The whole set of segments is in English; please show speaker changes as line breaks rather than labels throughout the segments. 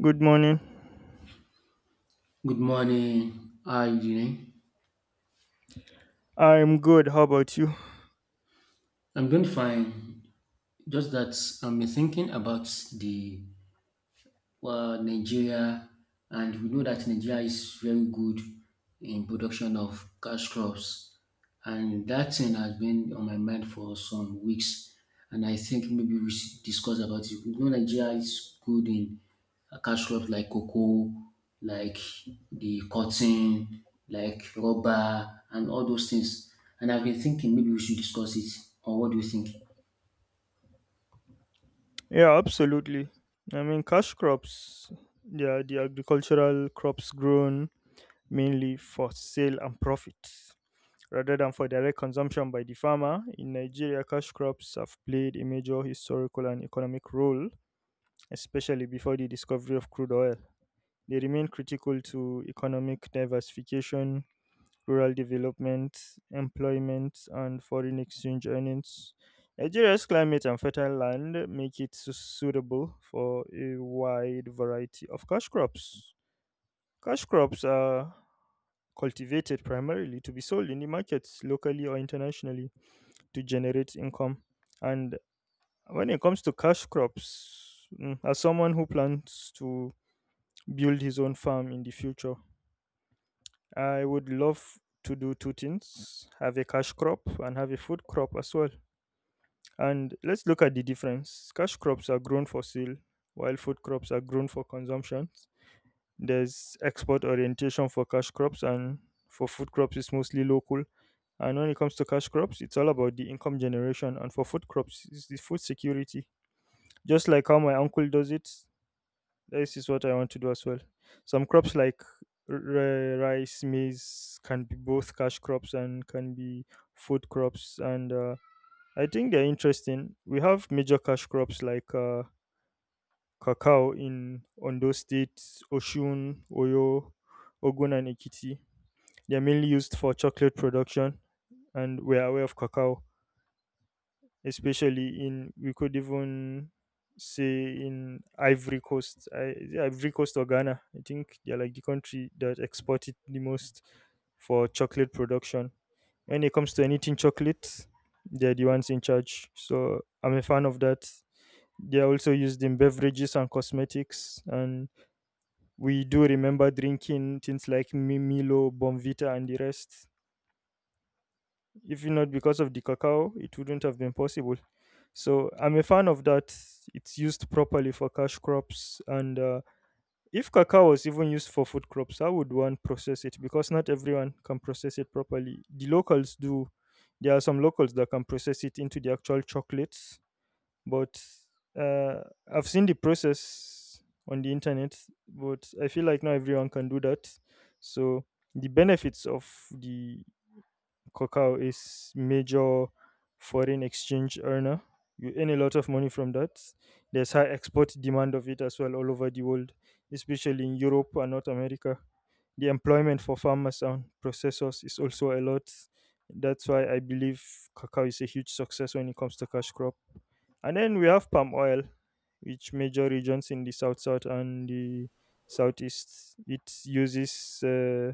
Good morning.
Good morning. How are you doing?
I'm good. How about you?
I'm doing fine. Just that I'm thinking about Nigeria, and we know that Nigeria is very good in production of cash crops, and that thing has been on my mind for some weeks, and I think maybe we should discuss about it. We know Nigeria is good in cash crops like cocoa, like the cotton, like rubber, and all those things. And I've been thinking maybe we should discuss it. Or what do you think?
Yeah, absolutely. I mean, cash crops, they are the agricultural crops grown mainly for sale and profit rather than for direct consumption by the farmer. In Nigeria, cash crops have played a major historical and economic role, especially before the discovery of crude oil. They remain critical to economic diversification, rural development, employment, and foreign exchange earnings. Nigeria's climate and fertile land make it suitable for a wide variety of cash crops. Cash crops are cultivated primarily to be sold in the markets locally or internationally to generate income. And when it comes to cash crops, as someone who plans to build his own farm in the future, I would love to do two things: have a cash crop and have a food crop as well. And let's look at the difference. Cash crops are grown for sale, while food crops are grown for consumption. There's export orientation for cash crops, and for food crops, it's mostly local. And when it comes to cash crops, it's all about the income generation. And for food crops, it's the food security. Just like how my uncle does it, this is what I want to do as well. Some crops like rice, maize can be both cash crops and can be food crops. And I think they're interesting. We have major cash crops like cacao in Ondo State, Oshun, Oyo, Ogun, and Ekiti. They're mainly used for chocolate production, and we're aware of cacao, especially in, we could even say, in Ivory Coast. Is it Ivory Coast or Ghana? I think they're like the country that export it the most for chocolate production. When it comes to anything chocolate, they're the ones in charge. So I'm a fan of that. They're also used in beverages and cosmetics, and we do remember drinking things like Milo, Bonvita, and the rest. If not because of the cacao, it wouldn't have been possible. So I'm a fan of that. It's used properly for cash crops. And if cacao was even used for food crops, how would one process it? Because not everyone can process it properly. The locals do. There are some locals that can process it into the actual chocolates. But uh, I've seen the process on the internet, but I feel like not everyone can do that. So the benefits of the cacao is major foreign exchange earner. You earn a lot of money from that. There's high export demand of it as well all over the world, especially in Europe and North America. The employment for farmers and processors is also a lot. That's why I believe cacao is a huge success when it comes to cash crop. And then we have palm oil, which major regions in the south south and the southeast it uses. Uh,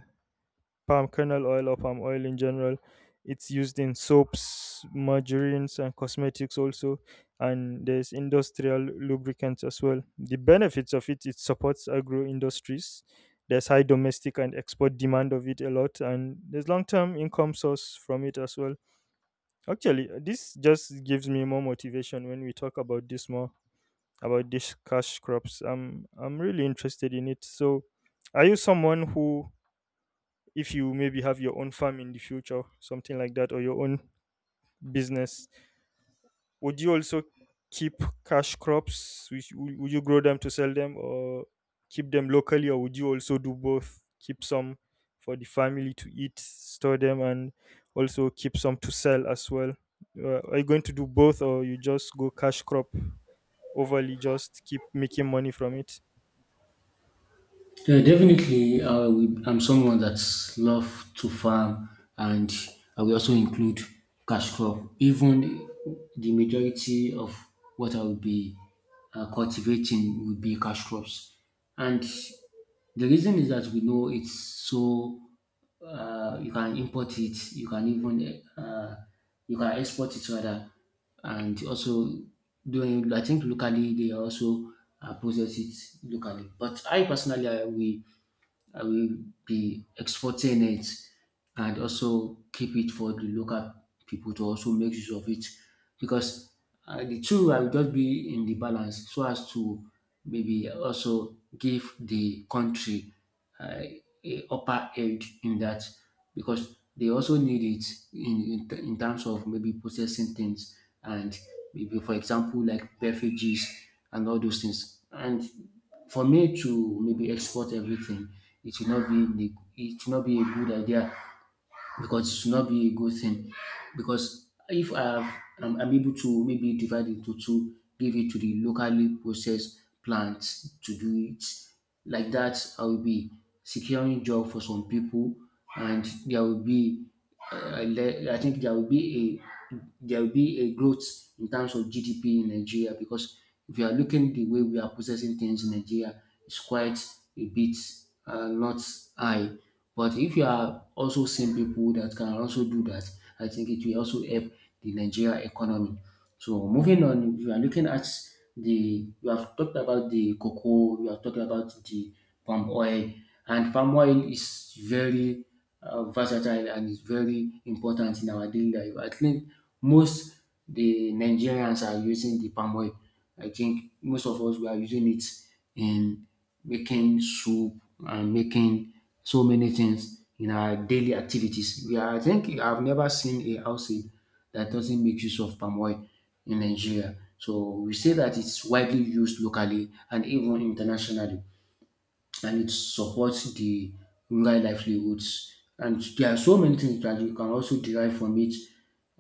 palm kernel oil or palm oil in general. It's used in soaps, margarines, and cosmetics also. And there's industrial lubricants as well. The benefits of it, it supports agro industries. There's high domestic and export demand of it a lot, and there's long term income source from it as well. Actually, this just gives me more motivation when we talk about this more, about this cash crops. I'm really interested in it. So, are you someone who, if you maybe have your own farm in the future, something like that, or your own business, would you also keep cash crops? Would you grow them to sell them or keep them locally, or would you also do both? Keep some for the family to eat, store them, and also keep some to sell as well. Are you going to do both, or you just go cash crop? Overly just keep making money from it.
Yeah, definitely. I'm someone that's love to farm, and I will also include cash crop. Even the majority of what I will be cultivating will be cash crops, and the reason is that we know it's so. You can import it. You can even you can export it rather, and also doing. I think locally they also process it locally. But I personally, I will be exporting it and also keep it for the local people to also make use of it because the two I will just be in the balance so as to maybe also give the country uh, a upper edge in that because they also need it in terms of maybe processing things and maybe for example like beverages and all those things and for me to maybe export everything it should not be it should not be a good idea because it should not be a good thing. Because if I have, I'm able to maybe divide into two, give it to the locally processed plants to do it. Like that, I will be securing job for some people, and there will be, I think there will be a growth in terms of GDP in Nigeria because if you are looking the way we are processing things in Nigeria, it's quite a bit not high. But if you are also seeing people that can also do that, I think it will also help the Nigeria economy. So moving on, we are looking at the we have talked about the cocoa, we have talked about the palm oil, and palm oil is very versatile and is very important in our daily life. I think most the Nigerians are using the palm oil. I think most of us we are using it in making soup and making so many things in our daily activities. I think I've never seen a household that doesn't make use of palm oil in Nigeria. So we say that it's widely used locally and even internationally, and it supports the rural livelihoods. And there are so many things that you can also derive from it.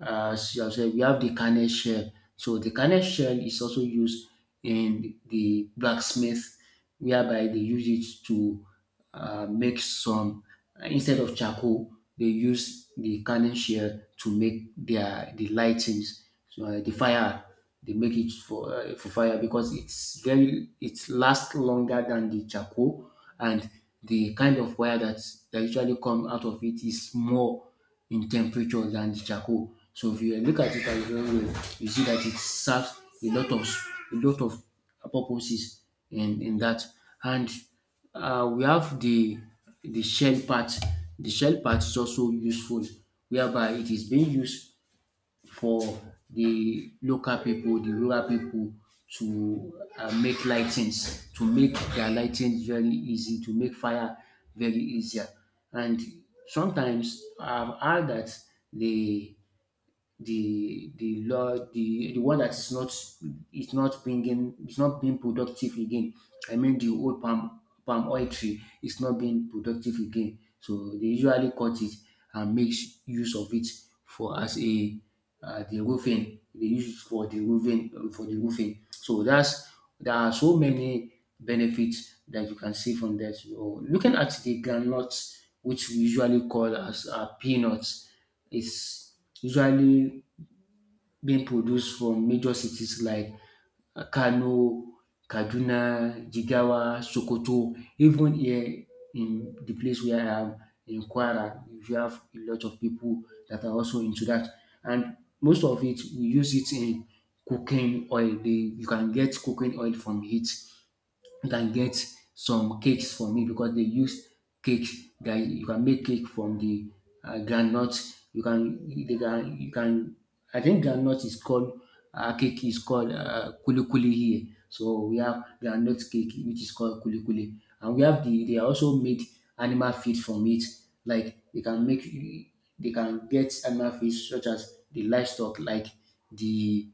As you have said, we have the carnet shell. So the carnet shell is also used in the blacksmith, whereby they use it to make some, instead of charcoal they use the canning shell to make the lightings, so the fire, they make it for fire because it's very, it lasts longer than the charcoal. And the kind of fire that that usually come out of it is more in temperature than the charcoal. So if you look at it as very well, you see that it serves a lot of purposes in that. And we have the shell part. The shell part is also useful, whereby it is being used for the local people, the rural people, to make lightings, to make their lightings very easy, to make fire very easier. And sometimes I've heard that the the law the one that is not, is not bringing, is not being productive again. I mean, the old palm oil tree is not being productive again, so they usually cut it and make use of it for as a the roofing. They use it for the roofing, for the roofing. So that's, there are so many benefits that you can see from that. So looking at the granules, which we usually call as peanuts, is usually being produced from major cities like Kano, Kaduna, Jigawa, Sokoto, even here in the place where I am, in Kwara, we have a lot of people that are also into that. And most of it, we use it in cooking oil. You can get cooking oil from it. You can get some cakes for me because they use cakes that you can make cake from the groundnut. You can. I think groundnut is called kuli kuli here. So we have groundnut cake which is called kuli kuli, and we have they also made animal feed from it. Like they can make, they can get animal feed such as the livestock like the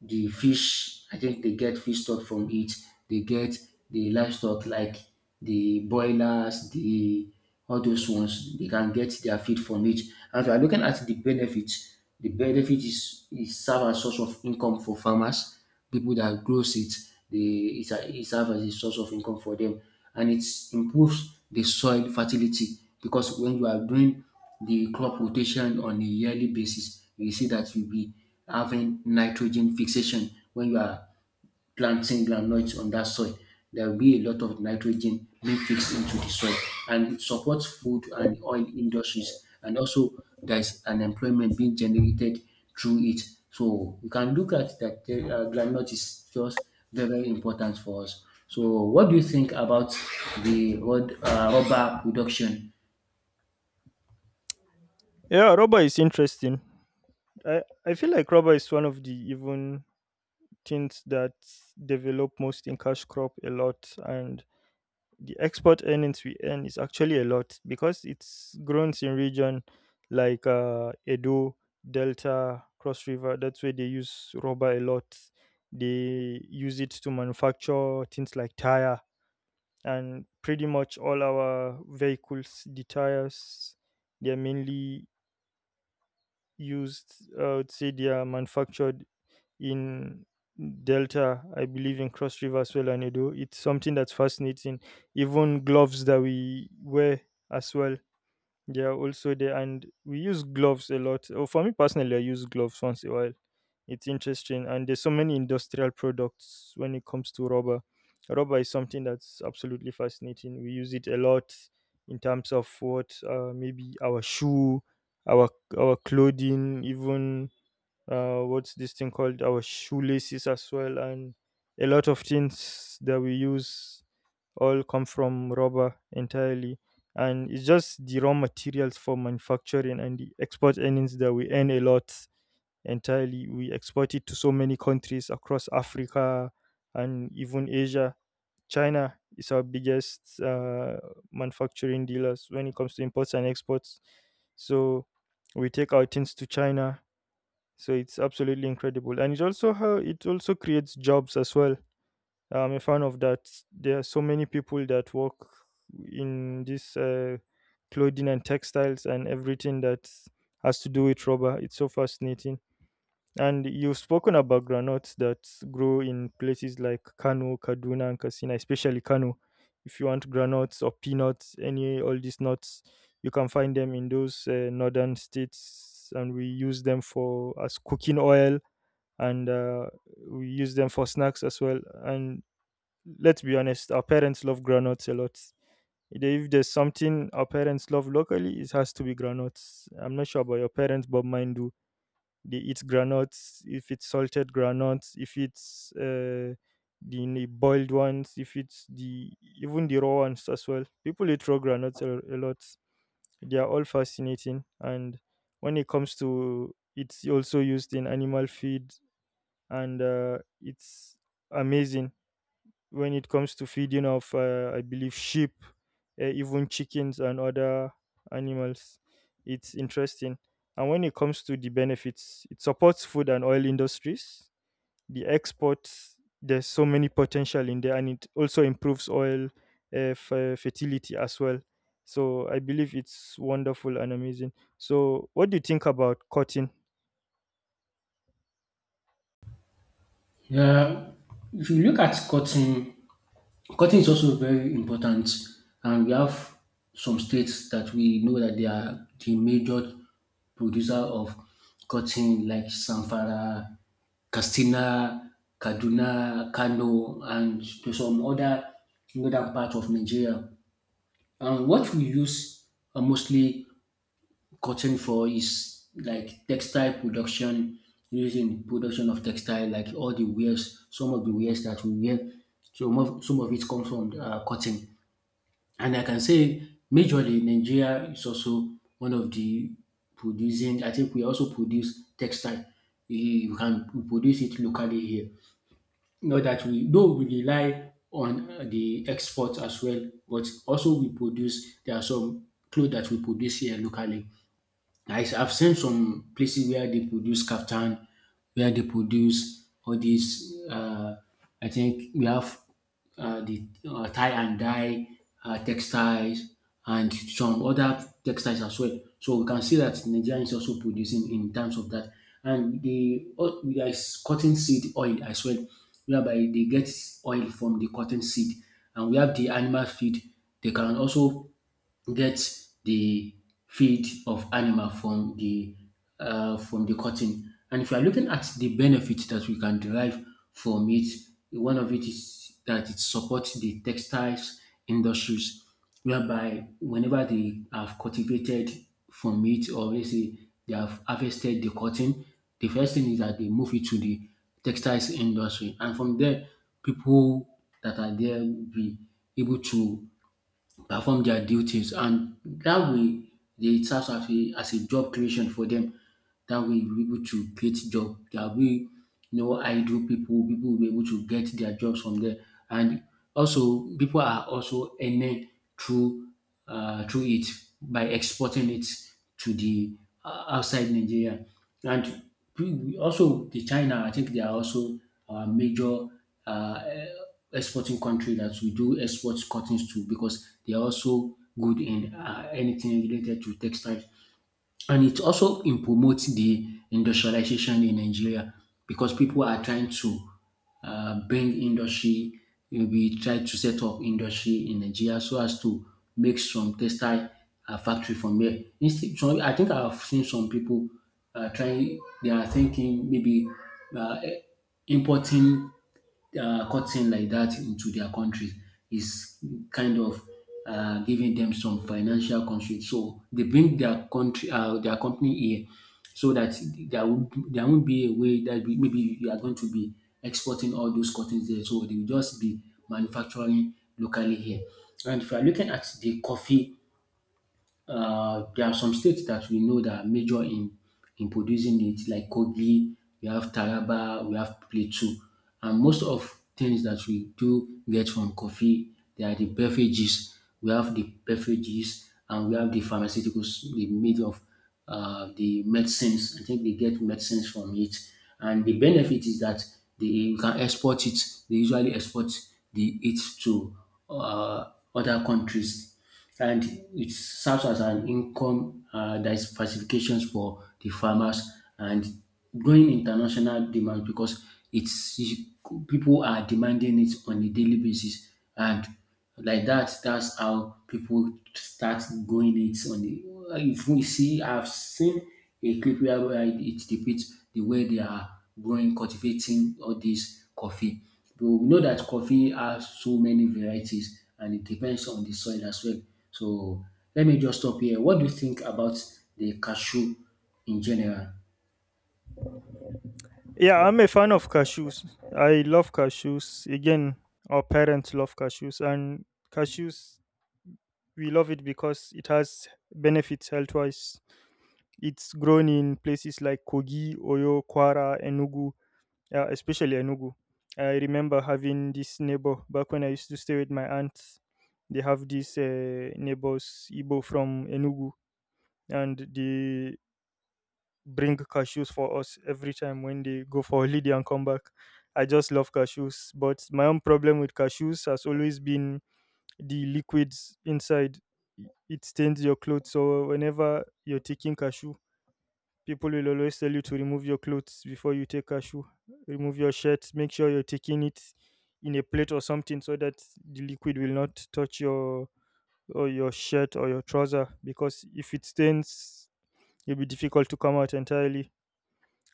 the fish. I think they get fish stock from it. They get the livestock like the broilers, the all those ones. They can get their feed from it. As we are looking at the benefit is it serve as source of income for farmers. People that grows it, they it's a- it serves as a source of income for them, and it improves the soil fertility because when you are doing the crop rotation on a yearly basis, you see that you'll be having nitrogen fixation when you are planting groundnuts on that soil. There will be a lot of nitrogen being fixed into the soil, and it supports food and oil industries, and also there is an employment being generated through it. So we can look at that, groundnut is just very, very important for us. So what do you think about rubber production?
Yeah, rubber is interesting. I feel like rubber is one of the even things that develop most in cash crop a lot, and the export earnings we earn is actually a lot because it's grown in region like Edo, Delta, Cross River. That's where they use rubber a lot. They use it to manufacture things like tire, and pretty much all our vehicles, the tires, they are mainly used. I would say they are manufactured in Delta, I believe in Cross River as well, and Edo. It's something that's fascinating. Even gloves that we wear as well, they are also there, and we use gloves a lot. Oh, for me personally, I use gloves once in a while. It's interesting, and there's so many industrial products when it comes to rubber. Rubber is something that's absolutely fascinating. We use it a lot in terms of what, maybe our shoe, our our clothing, even what's this thing called, our shoelaces as well, and a lot of things that we use all come from rubber entirely. And it's just the raw materials for manufacturing and the export earnings that we earn a lot. Entirely, we export it to so many countries across Africa and even Asia. China is our biggest manufacturing dealers when it comes to imports and exports, so we take our things to China. So it's absolutely incredible, and it also, how it also creates jobs as well. I'm a fan of that. There are so many people that work in this clothing and textiles and everything that has to do with rubber. It's so fascinating. And you've spoken about granuts that grow in places like Kano, Kaduna, and Katsina, especially Kano. If you want granuts or peanuts, any all these nuts, you can find them in those northern states, and we use them for as cooking oil, and we use them for snacks as well. And let's be honest, our parents love granuts a lot. If there's something our parents love locally, it has to be granuts. I'm not sure about your parents, but mine do. They eat granuts. If it's salted granuts, if it's the boiled ones, if it's the even the raw ones as well. People eat raw granuts a lot. They are all fascinating, and when it comes to, it's also used in animal feed, and it's amazing when it comes to feeding of, I believe sheep, even chickens and other animals. It's interesting. And when it comes to the benefits, it supports food and oil industries, the exports, there's so many potential in there, and it also improves oil fertility as well. So I believe it's wonderful and amazing. So what do you think about cotton?
Yeah, if you look at cotton, cotton is also very important, and we have some states that we know that they are the major producer of cotton, like Zamfara, Katsina, Kaduna, Kano, and to some other northern part of Nigeria. And what we use mostly cotton for is like textile production, using production of textile like all the wares, some of the wares that we wear, so some of it comes from cotton. And I can say majorly Nigeria is also one of the producing, I think we also produce textile. We produce it locally here. Not that we, though we rely on the export as well, but also we produce, there are some clothes that we produce here locally. Have seen some places where they produce kaftan, where they produce all these. I think we have the tie and dye textiles and some other textiles as well. So we can see that Nigeria is also producing in terms of that. And there is cotton seed oil as well, whereby they get oil from the cotton seed. And we have the animal feed. They can also get the feed of animal from the cotton. And if you are looking at the benefits that we can derive from it, one of it is that it supports the textiles industries, whereby whenever they have cultivated from it, or let's say they have harvested the cotton, the first thing is that they move it to the textiles industry, and from there, people that are there will be able to perform their duties, and that way they it serves as a job creation for them. That way you'll be able to create job. There will be no idle people. People will be able to get their jobs from there, and also people are also earning through it by exporting it to the outside Nigeria. And we also the China, I think they are also our major uh, exporting country that we do export cottons to, because they are also good in anything related to textile, and it's also in promoting the industrialization in Nigeria because people are trying to bring industry. We try to set up industry in Nigeria so as to make some textile factory from there. Instead, so I think I've seen some people trying. They are thinking maybe uh, importing cutting like that into their country is kind of giving them some financial constraints. So they bring their country, their company here, so that there won't be a way that we, maybe you are going to be exporting all those cottons there. So they will just be manufacturing locally here. And if you are looking at the coffee, there are some states that we know that are major in producing it, like Kogi, we have Taraba, we have Plateau, and most of things that we do get from coffee, they are the beverages. We have the beverages, and we have the pharmaceuticals, the made of the medicines. I think they get medicines from it, and the benefit is that they you can export it. They usually export the it to uh, other countries and it serves as an income diversification for the farmers and growing international demand because it's people are demanding it on a daily basis and like that that's how people start going it on the if we see I've seen a clip where it depicts the way they are growing cultivating all this coffee, but we know that coffee has so many varieties and it depends on the soil as well. So let me just stop here. What do you think about the cashew in general?
Yeah, I'm a fan of cashews. I love cashews. Again, our parents love cashews, and cashews, we love it because it has benefits health wise. It's grown in places like Kogi, Oyo, Kwara, Enugu, especially Enugu. I remember having this neighbor back when I used to stay with my aunt. They have these neighbors, Igbo from Enugu, and they bring cashews for us every time when they go for holiday and come back. I just love cashews, but my own problem with cashews has always been the liquids inside. It stains your clothes, so whenever you're taking cashew, people will always tell you to remove your clothes before you take cashew. Remove your shirt. Make sure you're taking it in a plate or something so that the liquid will not touch your, or your shirt or your trouser, because if it stains, it'll be difficult to come out entirely.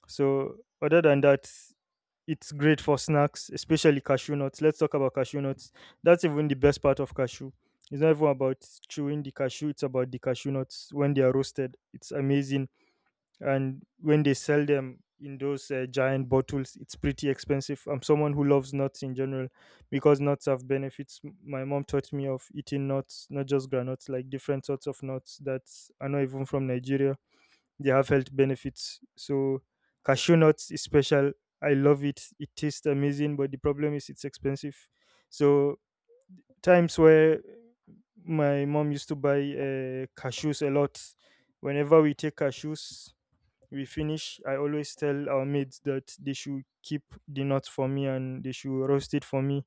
So other than that, it's great for snacks, especially cashew nuts. Let's talk about cashew nuts. That's even the best part of cashew. It's not even about chewing the cashew, it's about the cashew nuts when they are roasted. It's amazing. And when they sell them in those giant bottles, it's pretty expensive. I'm someone who loves nuts in general because nuts have benefits. My mom taught me of eating nuts, not just granuts, like different sorts of nuts that are not even from Nigeria, they have health benefits. So cashew nuts is special. I love it. It tastes amazing, but the problem is it's expensive. So times where my mom used to buy cashews a lot. Whenever we take cashews, we finish. I always tell our maids that they should keep the nuts for me, and they should roast it for me,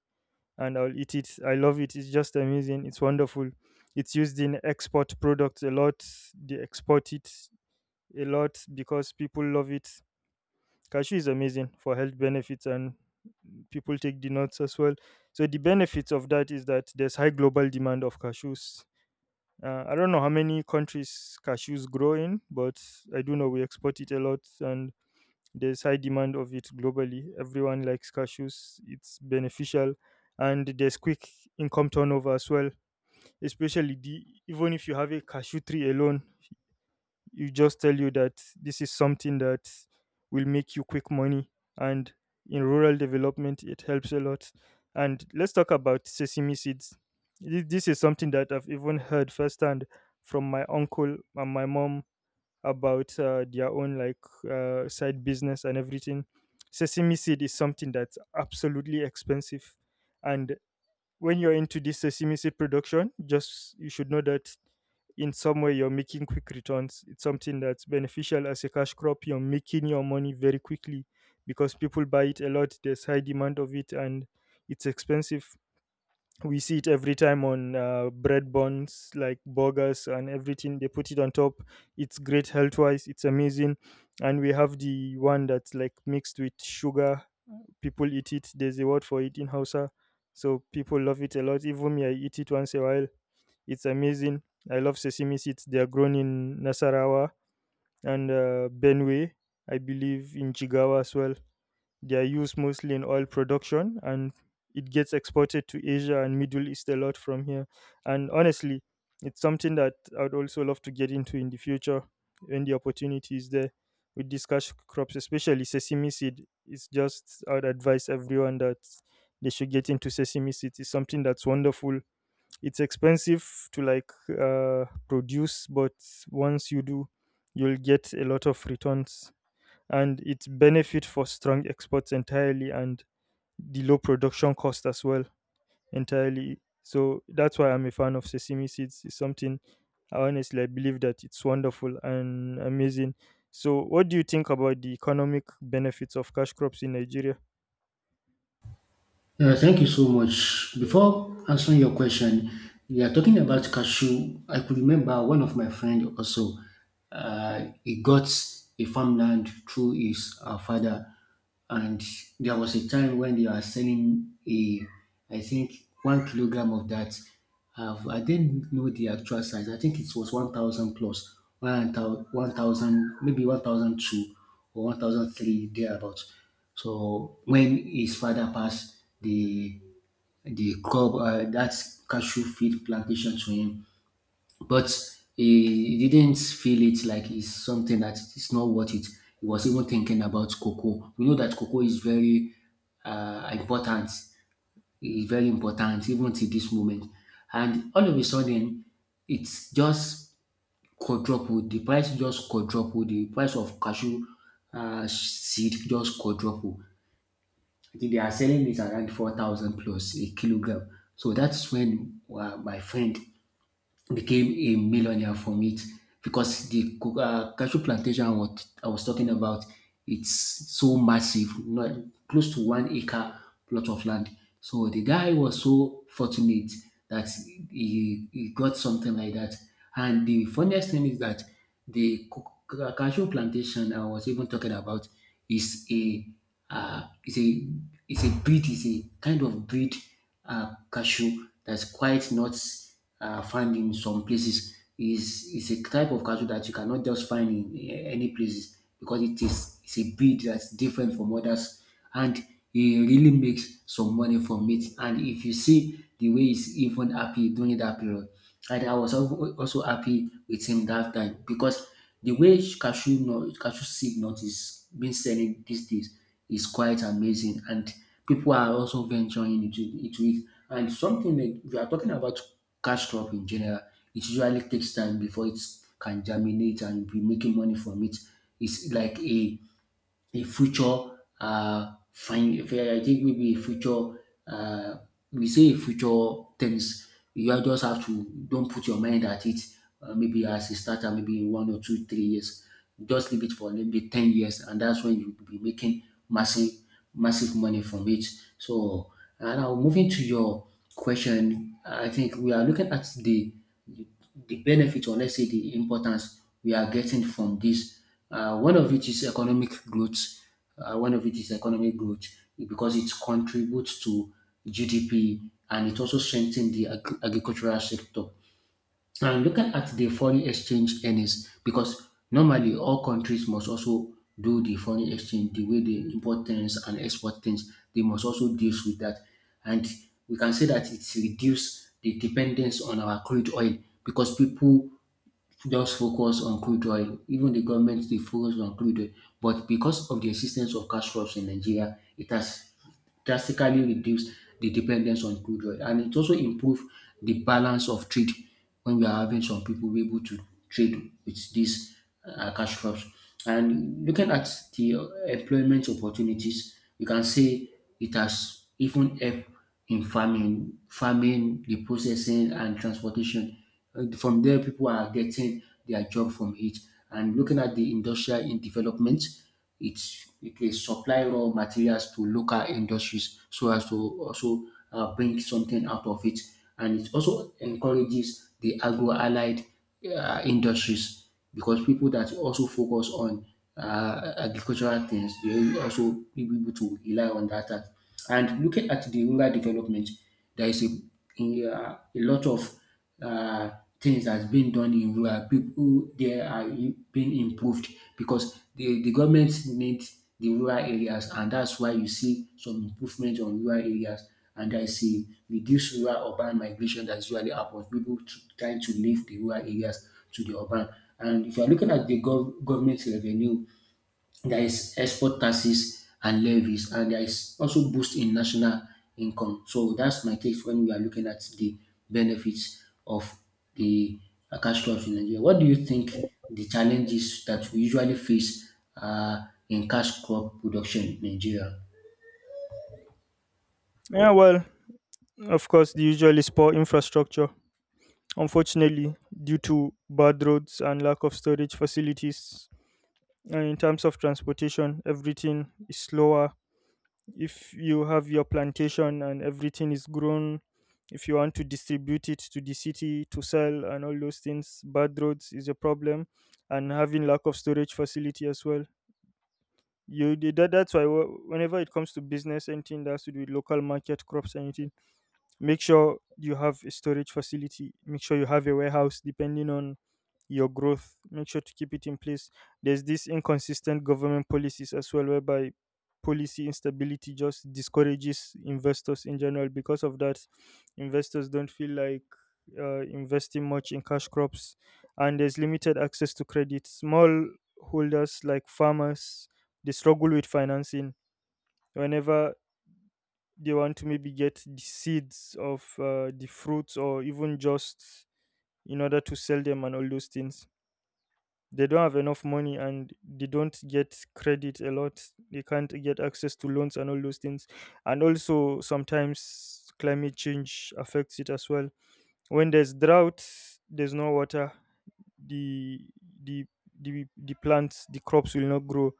and I'll eat it. I love it. It's just amazing. It's wonderful. It's used in export products a lot. They export it a lot because people love it. Cashew is amazing for health benefits, and people take the nuts as well. So the benefits of that is that there's high global demand of cashews. I don't know how many countries cashews grow in, but I do know we export it a lot, and there's high demand of it globally. Everyone likes cashews; it's beneficial, and there's quick income turnover as well. Especially the even if you have a cashew tree alone, you just tell you that this is something that will make you quick money and in rural development it helps a lot. And let's talk about sesame seeds. This is something that I've even heard firsthand from my uncle and my mom about their own, like side business and everything. Sesame seed is something that's absolutely expensive, and when you're into this sesame seed production, just you should know that in some way you're making quick returns. It's something that's beneficial as a cash crop. You're making your money very quickly because people buy it a lot. There's high demand of it, and it's expensive. We see it every time on bread buns, like burgers and everything. They put it on top. It's great health wise. It's amazing. And we have the one that's like mixed with sugar, people eat it. There's a word for it in Hausa. So people love it a lot. Even me, I eat it once a while. It's amazing. I love sesame seeds. They are grown in Nasarawa and Benue, I believe, in Jigawa as well. They are used mostly in oil production, and it gets exported to Asia and Middle East a lot from here. And honestly, it's something that I would also love to get into in the future when the opportunity is there with these cash crops, especially sesame seed. It's just I would advise everyone that they should get into sesame seed. It's something that's wonderful. It's expensive to, like, produce, but once you do, you'll get a lot of returns, and its benefit for strong exports entirely, and the low production cost as well entirely. So that's why I'm a fan of sesame seeds. It's something I honestly I believe that it's wonderful and amazing. So what do you think about the economic benefits of cash crops in Nigeria?
Thank you so much. Before answering your question, we are talking about cashew. I could remember one of my friend also. He got a farmland through his father, and there was a time when they were selling a, I think 1 kilogram of that. I didn't know the actual size. I think it was 1,000 plus 1,000, maybe one thousand two or one thousand three thereabouts. So when his father passed, the crop that cashew field plantation to him, but he didn't feel it like it's something that it's not worth it. He was even thinking about cocoa. We know that cocoa is very important. It's very important even to this moment. And all of a sudden, it's just quadrupled. The price just quadrupled. The price of cashew seed just quadrupled. I think they are selling it around 4,000 plus a kilogram. So that's when my friend became a millionaire from it because the cashew plantation I was talking about, it's so massive, not close to 1 acre plot of land. So the guy was so fortunate that he got something like that. And the funniest thing is that the cashew plantation I was even talking about is a uh, is a is a breed, is a kind of breed cashew that's quite not find in some places. Is a type of cattle that you cannot just find in any places because it's a breed that's different from others. And he really makes some money from it, and if you see the way he's even happy during that period. And I was also happy with him that time because the way cashew nut, cashew seed nut is being selling these days is quite amazing, and people are also venturing into it. And something like we are talking about cash crop in general, it usually takes time before it can germinate and be making money from it. It's like a future find. I think maybe a future uh, we say a future things. You are just have to don't put your mind at it. Maybe as a starter, maybe in one or two, 3 years, just leave it for maybe 10 years, and that's when you will be making massive, massive money from it. So now moving to your question, I think we are looking at the benefit or let's say the importance we are getting from this. One of it is economic growth. One of it is economic growth because it contributes to GDP and it also strengthens the agricultural sector. And looking at the foreign exchange earnings, because normally all countries must also do the foreign exchange, the way they import things and export things, they must also deal with that. And we can say that it's reduced the dependence on our crude oil because people just focus on crude oil. Even the government they focus on crude oil, but because of the existence of cash crops in Nigeria, it has drastically reduce the dependence on crude oil, and it also improve the balance of trade when we are having some people be able to trade with these cash crops. And looking at the employment opportunities, you can say it has even helped in farming, the processing and transportation. From there, people are getting their job from it. And looking at the industrial in development, it will supply raw materials to local industries so as to also bring something out of it. And it also encourages the agro allied industries because people that also focus on agricultural things, they will also be able to rely on that. And looking at the rural development, there is a lot of uh, things that's been done in rural people there are being improved because the government needs the rural areas, and that's why you see some improvement on rural areas. And I see reduced rural urban migration that usually happens, people to, trying to leave the rural areas to the urban. And if you are looking at the government revenue, there is export taxes and levies, and there is also boost in national income. So that's my take when we are looking at the benefits of the cash crops in Nigeria. What do you think the challenges that we usually face in cash crop production in Nigeria?
Yeah, well, of course, the usual is poor infrastructure. Unfortunately, due to bad roads and lack of storage facilities, and in terms of transportation, everything is slower. If you have your plantation and everything is grown, if you want to distribute it to the city to sell and all those things, bad roads is a problem, and having lack of storage facility as well. You that's why whenever it comes to business, anything that has to do with local market crops, anything, make sure you have a storage facility. Make sure you have a warehouse depending on your growth. Make sure to keep it in place. There's this inconsistent government policies as well, whereby policy instability just discourages investors in general. Because of that, investors don't feel like investing much in cash crops, and there's limited access to credit. Small holders like farmers, they struggle with financing whenever they want to maybe get the seeds of the fruits or even just in order to sell them and all those things. They don't have enough money, and they don't get credit a lot. They can't get access to loans and all those things. And also, sometimes climate change affects it as well. When there's drought, there's no water. The the the plants, the crops will not grow,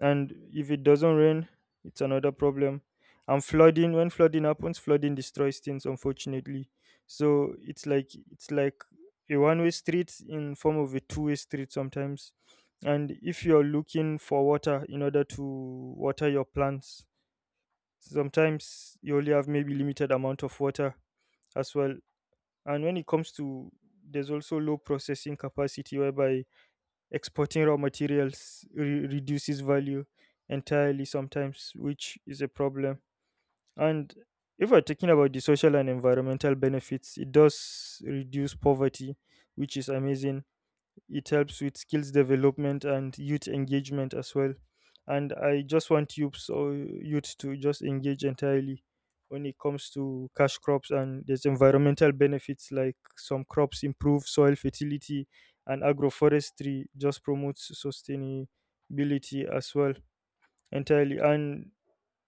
and if it doesn't rain, it's another problem. And flooding, when flooding happens, flooding destroys things, unfortunately. So it's like a one way street in form of a two-way street sometimes. And if you're looking for water in order to water your plants, sometimes you only have maybe limited amount of water as well. And when it comes to, there's also low processing capacity, whereby exporting raw materials reduces value entirely sometimes, which is a problem. And if we're talking about the social and environmental benefits, it does reduce poverty, which is amazing. It helps with skills development and youth engagement as well. And I just want youths or youth to just engage entirely when it comes to cash crops, and there's environmental benefits like some crops improve soil fertility, and agroforestry just promotes sustainability as well entirely. And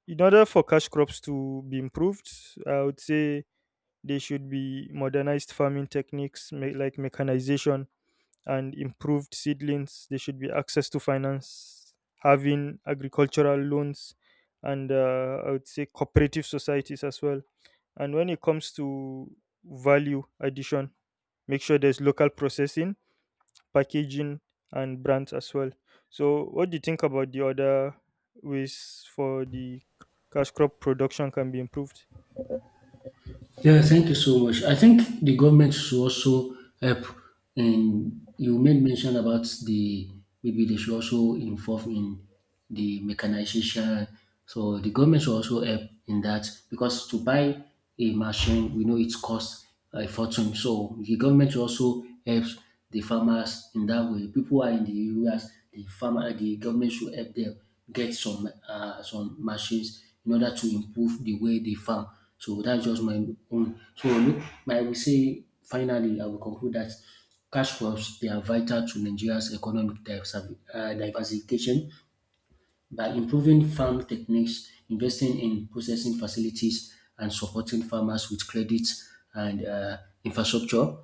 in order for cash crops to be improved, I would say they should be modernized farming techniques, like mechanization and improved seedlings. There should be access to finance, having agricultural loans, and I would say cooperative societies as well. And when it comes to value addition, make sure there's local processing, packaging, and brands as well. So, what do you think about the other ways for the cash crop production can be improved?
Yeah, thank you so much. I think the government should also help. And you made mention about the maybe they should also involve in the mechanization. So the government should also help in that because to buy a machine, we know it costs fortune. So the government also helps the farmers in that way. People are in the areas, the farmer, the government should help them get some machines in order to improve the way they farm. So that's just my own. So look, I will say finally, I will conclude that cash crops they are vital to Nigeria's economic diversification by improving farm techniques, investing in processing facilities, and supporting farmers with credit and infrastructure,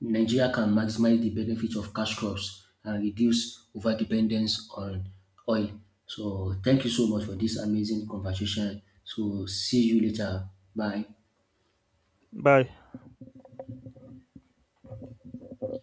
Nigeria can maximize the benefits of cash crops and reduce overdependence on oil. So, thank you so much for this amazing conversation. So, see you later. Bye.
Bye.